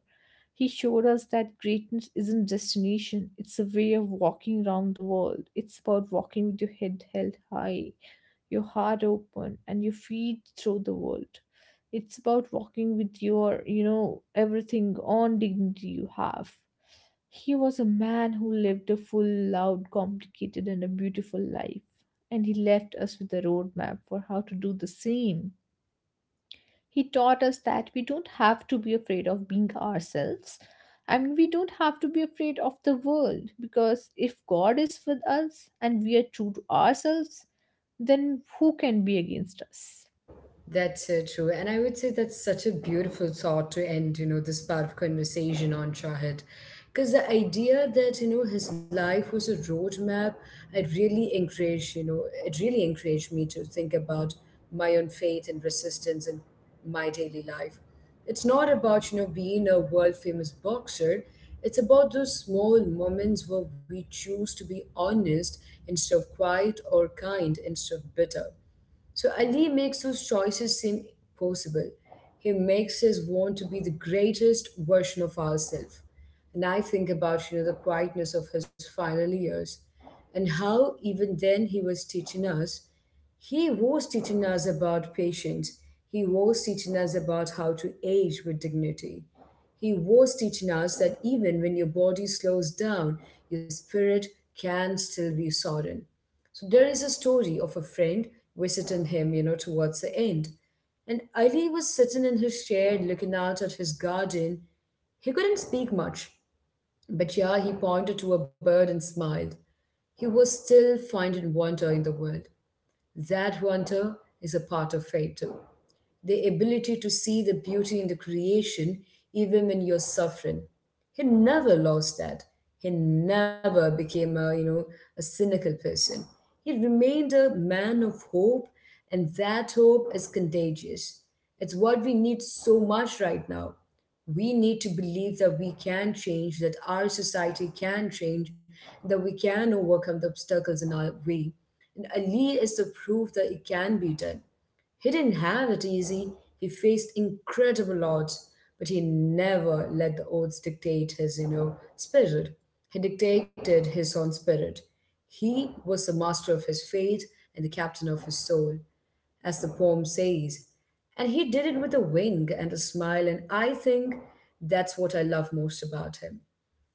Speaker 2: He showed us that greatness isn't destination, it's a way of walking around the world. It's about walking with your head held high, your heart open, and your feet through the world. It's about walking with your, you know, everything on dignity you have. He was a man who lived a full, loud, complicated, and a beautiful life, and he left us with a roadmap for how to do the same. He taught us that we don't have to be afraid of being ourselves and we don't have to be afraid of the world, because if God is with us and we are true to ourselves, then who can be against us?
Speaker 1: That's so true. And I would say that's such a beautiful thought to end, you know, this part of conversation on, Shahid. Because the idea that, you know, his life was a roadmap, it really encouraged, you know, it really encouraged me to think about my own faith and resistance in my daily life. It's not about, you know, being a world famous boxer. It's about those small moments where we choose to be honest instead of quiet, or kind instead of bitter. So Ali makes those choices seem possible. He makes us want to be the greatest version of ourselves. And I think about, you know, the quietness of his final years and how even then he was teaching us, he was teaching us about patience. He was teaching us about how to age with dignity. He was teaching us that even when your body slows down, your spirit can still be soaring. So there is a story of a friend visiting him, you know, towards the end. And Ali was sitting in his chair looking out at his garden. He couldn't speak much, but yeah, he pointed to a bird and smiled. He was still finding wonder in the world. That wonder is a part of fate too, the ability to see the beauty in the creation even when you're suffering. He never lost that. He never became a, you know, a cynical person. He remained a man of hope, and that hope is contagious. It's what we need so much right now. We need to believe that we can change, that our society can change, that we can overcome the obstacles in our way. And Ali is the proof that it can be done. He didn't have it easy. He faced incredible odds, but he never let the odds dictate his, you know, spirit. He dictated his own spirit. He was the master of his fate and the captain of his soul, as the poem says. And he did it with a wink and a smile, and I think that's what I love most about him.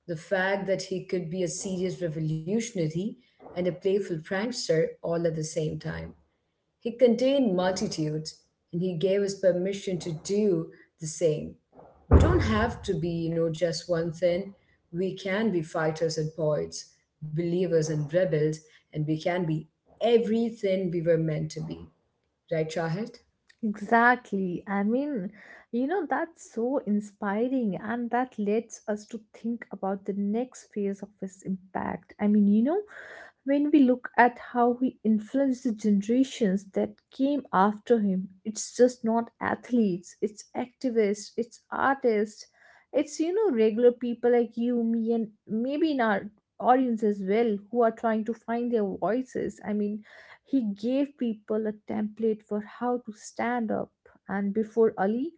Speaker 1: The fact that he could be a serious revolutionary and a playful prankster all at the same time. He contained multitudes, and he gave us permission to do the same. We don't have to be, you know, just one thing. We can be fighters and poets, believers and rebels, and we can be everything we were meant to be. Right, Shahid?
Speaker 2: Exactly. I mean, you know, that's so inspiring, and that lets us to think about the next phase of his impact. I mean, you know, when we look at how he influenced the generations that came after him, it's just not athletes, it's activists, it's artists, it's, you know, regular people like you, me, and maybe in our audience as well who are trying to find their voices. I mean, he gave people a template for how to stand up, and before Ali,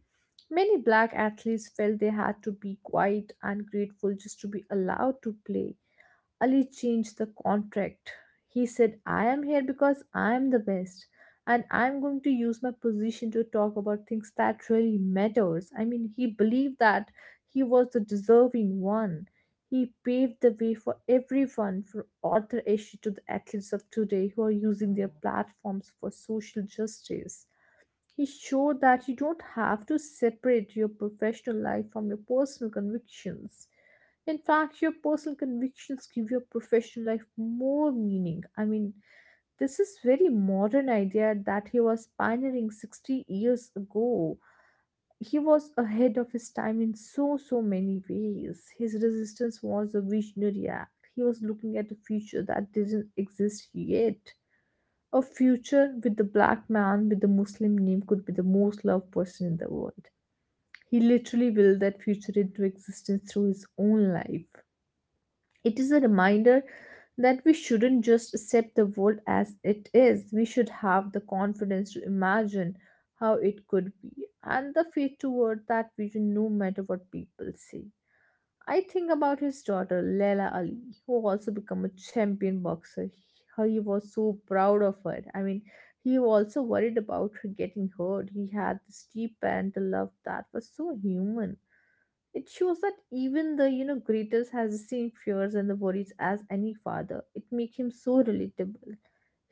Speaker 2: many black athletes felt they had to be quiet and grateful just to be allowed to play. Ali changed the contract. He said, I am here because I am the best and I am going to use my position to talk about things that really matters. I mean, he believed that he was the deserving one. He paved the way for everyone, from author issue to the athletes of today who are using their platforms for social justice. He showed that you don't have to separate your professional life from your personal convictions. In fact, your personal convictions give your professional life more meaning. I mean, this is very modern idea that he was pioneering 60 years ago. He was ahead of his time in so so many ways. His resistance was a visionary act. He was looking at a future that didn't exist yet. A future with the black man with the Muslim name could be the most loved person in the world. He literally willed that future into existence through his own life. It is a reminder that we shouldn't just accept the world as it is. We should have the confidence to imagine how it could be and the faith toward that vision no matter what people say. I think about his daughter Leila Ali, who also became a champion boxer. He was so proud of her. I mean, he also worried about her getting hurt. He had this deep parental love that was so human. It shows that even the, you know, greatest has the same fears and the worries as any father. It makes him so relatable.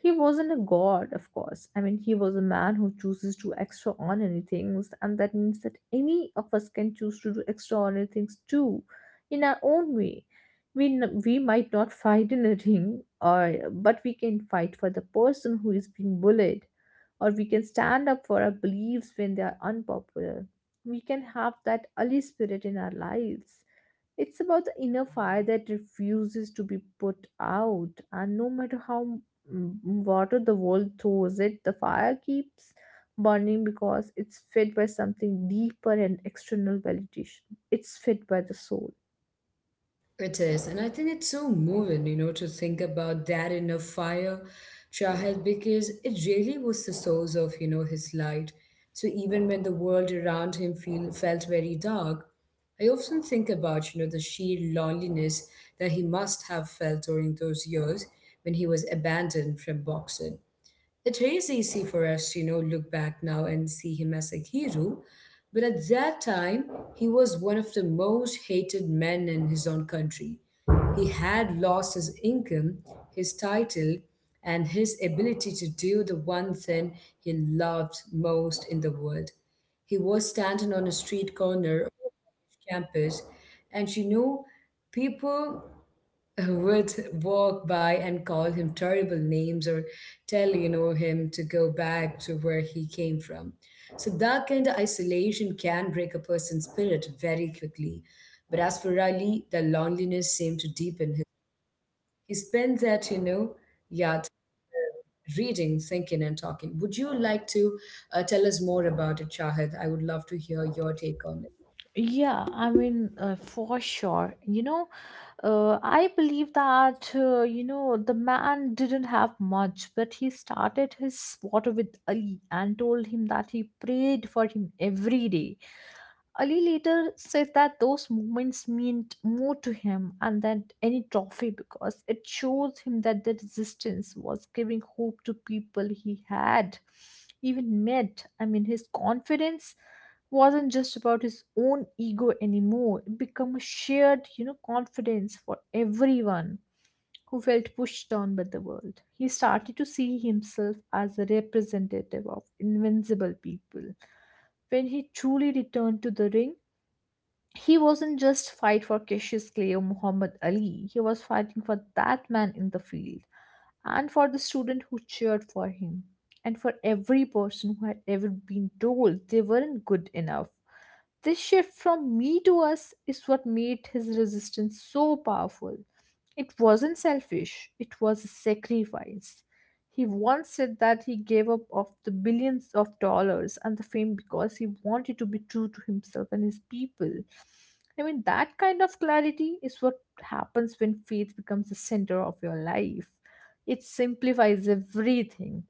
Speaker 2: He wasn't a god, of course. I mean, he was a man who chooses to do extraordinary things, and that means that any of us can choose to do extraordinary things too, in our own way. We might not fight in a <laughs> ring, or but we can fight for the person who is being bullied, or we can stand up for our beliefs when they are unpopular. We can have that Ali spirit in our lives. It's about the inner fire that refuses to be put out, and no matter how water the world throws it, the fire keeps burning because it's fed by something deeper and external validation. It's fed by the soul.
Speaker 1: It is, and I think it's so moving, you know, to think about that in a fire, Shahid, because it really was the source of, you know, his light. So even when the world around him felt very dark, I often think about, you know, the sheer loneliness that he must have felt during those years when he was abandoned from boxing. It is easy for us to, you know, look back now and see him as a hero, but at that time, he was one of the most hated men in his own country. He had lost his income, his title, and his ability to do the one thing he loved most in the world. He was standing on a street corner of a college campus, and, you know, people who would walk by and call him terrible names or tell, you know, him to go back to where he came from. So that kind of isolation can break a person's spirit very quickly, but as for Riley, the loneliness seemed to deepen his. He spent that, you know, yet reading, thinking, and talking. Would you like to tell us more about it, Shahid? I would love to hear your take on
Speaker 2: Yeah, I mean, for sure. You know, I believe that, you know, the man didn't have much, but he started his water with Ali and told him that he prayed for him every day. Ali later says that those moments meant more to him and than any trophy because it shows him that the resistance was giving hope to people he had even met. His confidence wasn't just about his own ego anymore. It became a shared, confidence for everyone who felt pushed down by the world. He started to see himself as a representative of invincible people. When he truly returned to the ring, he wasn't just fight for Cassius Clay or Muhammad Ali. He was fighting for that man in the field, and for the student who cheered for him, and for every person who had ever been told they weren't good enough. This shift from me to us is what made his resistance so powerful. It wasn't selfish, it was a sacrifice. He once said that he gave up of the billions of dollars and the fame because he wanted to be true to himself and his people. I mean, that kind of clarity is what happens when faith becomes the center of your life. It simplifies everything.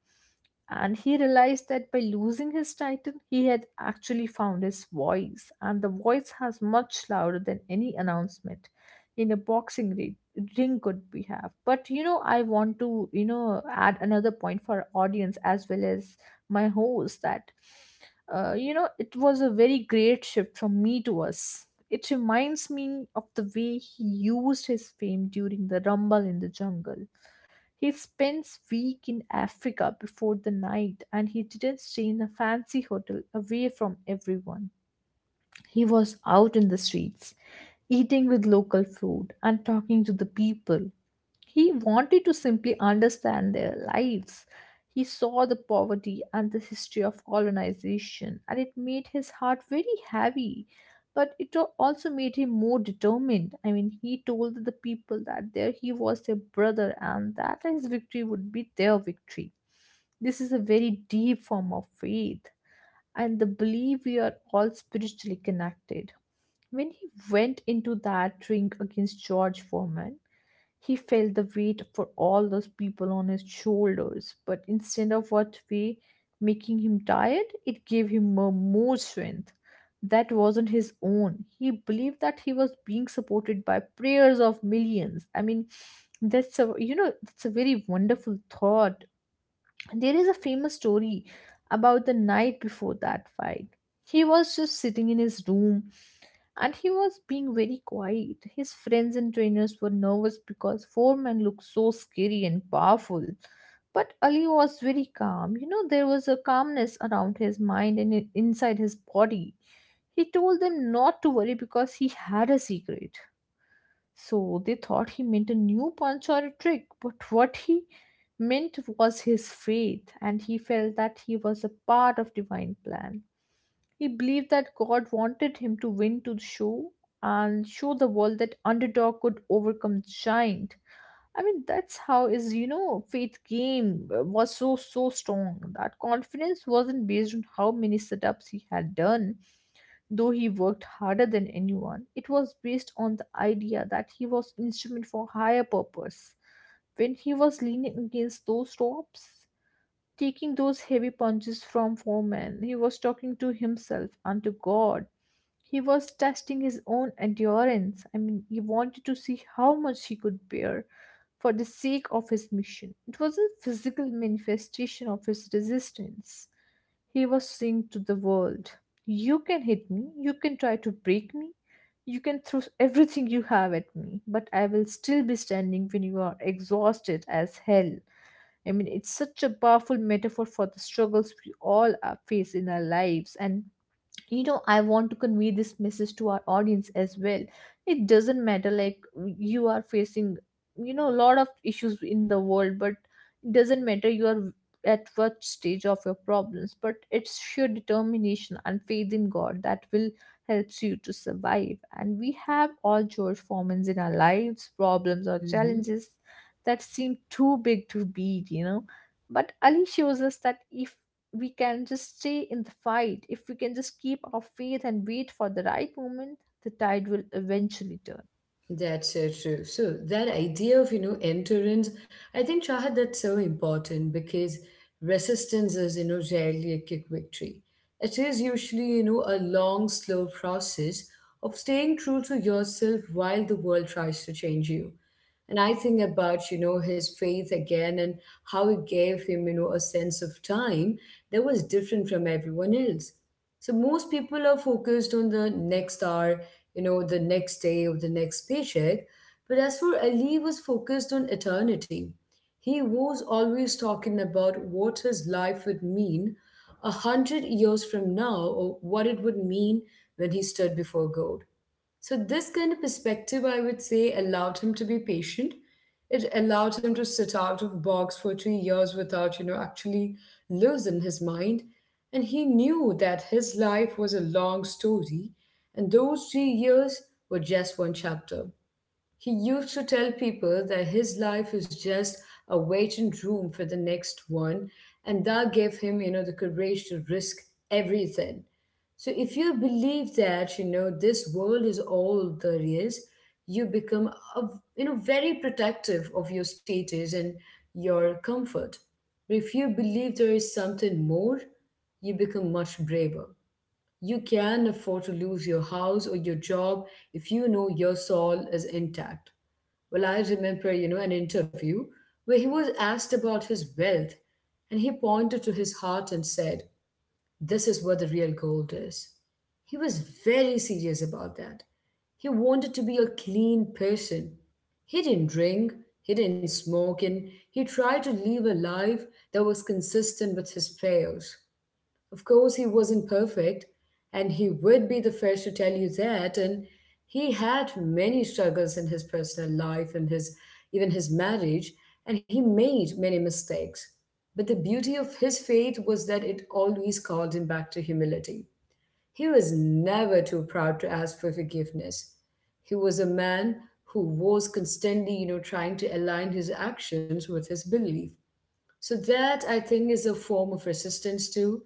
Speaker 2: And he realized that by losing his title, he had actually found his voice. And the voice has much louder than any announcement in a boxing ring drink could we have. But I want to, add another point for our audience as well as my host, that it was a very great shift from me to us. It reminds me of the way he used his fame during the Rumble in the Jungle. He spends week in Africa before the night, and he didn't stay in a fancy hotel away from everyone. He was out in the streets, eating with local food and talking to the people. He wanted to simply understand their lives. He saw the poverty and the history of colonization, and it made his heart very heavy. But also made him more determined. I mean, he told the people that there he was their brother and that his victory would be their victory. This is a very deep form of faith and the belief we are all spiritually connected. When he went into that ring against George Foreman, he felt the weight for all those people on his shoulders, but instead of what way making him tired, it gave him more strength. That wasn't his own. He believed that he was being supported by prayers of millions. I mean, that's a very wonderful thought. There is a famous story about the night before that fight. He was just sitting in his room and he was being very quiet. His friends and trainers were nervous because Foreman looked so scary and powerful. But Ali was very calm. You know, there was a calmness around his mind and inside his body. He told them not to worry because he had a secret. So they thought he meant a new punch or a trick, but what he meant was his faith, and he felt that he was a part of divine plan. He believed that God wanted him to win to show and show the world that underdog could overcome giant. I mean, that's how his, faith game was so, so strong. That confidence wasn't based on how many setups he had done, though he worked harder than anyone. It was based on the idea that he was instrument for higher purpose. When he was leaning against those ropes, taking those heavy punches from foremen, he was talking to himself and to God. He was testing his own endurance. I mean, he wanted to see how much he could bear for the sake of his mission. It was a physical manifestation of his resistance. He was saying to the world, "You can hit me, you can try to break me, you can throw everything you have at me, but I will still be standing when you are exhausted as hell." I mean, it's such a powerful metaphor for the struggles we all face in our lives. And I want to convey this message to our audience as well. It doesn't matter like you are facing, a lot of issues in the world, but it doesn't matter you are at what stage of your problems, but it's sheer determination and faith in God that will helps you to survive. And we have all George Formans in our lives, problems or
Speaker 1: it. Hmm.
Speaker 2: challenges that seem too big to beat, but Ali shows us that if we can just stay in the fight, if we can just keep our faith and wait for the right moment, the tide will eventually turn.
Speaker 1: That's so true. So that idea of, you know, endurance, I think, Shahad, that's so important because resistance is, you know, rarely a quick victory. It is usually, you know, a long, slow process of staying true to yourself while the world tries to change you. And I think about, you know, his faith again and how it gave him, you know, a sense of time that was different from everyone else. So most people are focused on the next hour, you know, the next day or the next paycheck. But as for Ali, was focused on eternity. He was always talking about what his life would mean 100 years from now or what it would mean when he stood before God. So, this kind of perspective, I would say, allowed him to be patient. It allowed him to sit out of box for 3 years without, you know, actually losing his mind. And he knew that his life was a long story, and those 3 years were just one chapter. He used to tell people that his life is just a waiting room for the next one, and that gave him, you know, the courage to risk everything. So if you believe that, you know, this world is all there is, you become, a, you know, very protective of your status and your comfort. But if you believe there is something more, you become much braver. You can afford to lose your house or your job if you know your soul is intact. Well, I remember, you know, an interview where he was asked about his wealth and he pointed to his heart and said, this is where the real gold is. He was very serious about that. He wanted to be a clean person. He didn't drink, he didn't smoke, and he tried to live a life that was consistent with his prayers. Of course, he wasn't perfect, and he would be the first to tell you that. And he had many struggles in his personal life and his, even his marriage, and he made many mistakes. But the beauty of his faith was that it always called him back to humility. He was never too proud to ask for forgiveness. He was a man who was constantly, you know, trying to align his actions with his belief. So that, I think, is a form of resistance too,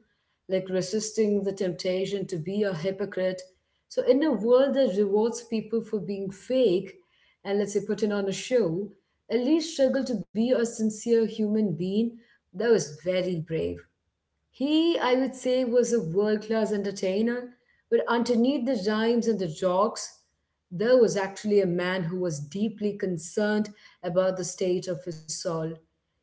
Speaker 1: like resisting the temptation to be a hypocrite. So in a world that rewards people for being fake and, let's say, putting on a show, at least struggle to be a sincere human being. That was very brave. He, I would say, was a world class entertainer, but underneath the rhymes and the jokes, there was actually a man who was deeply concerned about the state of his soul.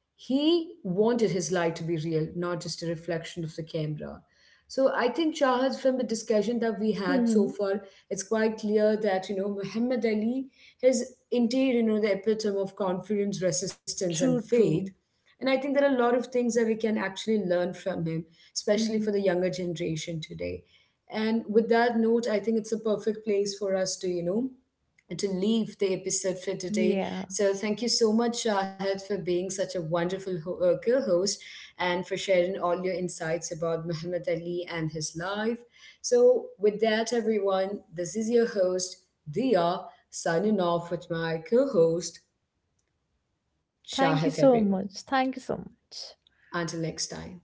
Speaker 1: He wanted his life to be real, not just a reflection of the camera. So I think, Shahad, from the discussion that we had so
Speaker 2: Hmm.
Speaker 1: far, it's quite clear that, you know, Muhammad Ali is indeed, you know, the epitome of confidence, resistance, and
Speaker 2: True,
Speaker 1: faith.
Speaker 2: true.
Speaker 1: And I think there are a lot of things that we can actually learn from him, especially for
Speaker 2: Hmm.
Speaker 1: the younger generation today. And with that note, I think it's a perfect place for us to, you know, to leave the episode for today.
Speaker 2: Yeah.
Speaker 1: So thank you so much, Shahid, for being such a wonderful co-host and for sharing all your insights about Muhammad Ali and his life. So with that, everyone, this is your host, Dia, signing off with my co-host, Shahid,
Speaker 2: Thank you so
Speaker 1: everyone.
Speaker 2: much. Thank you so much.
Speaker 1: Until next time.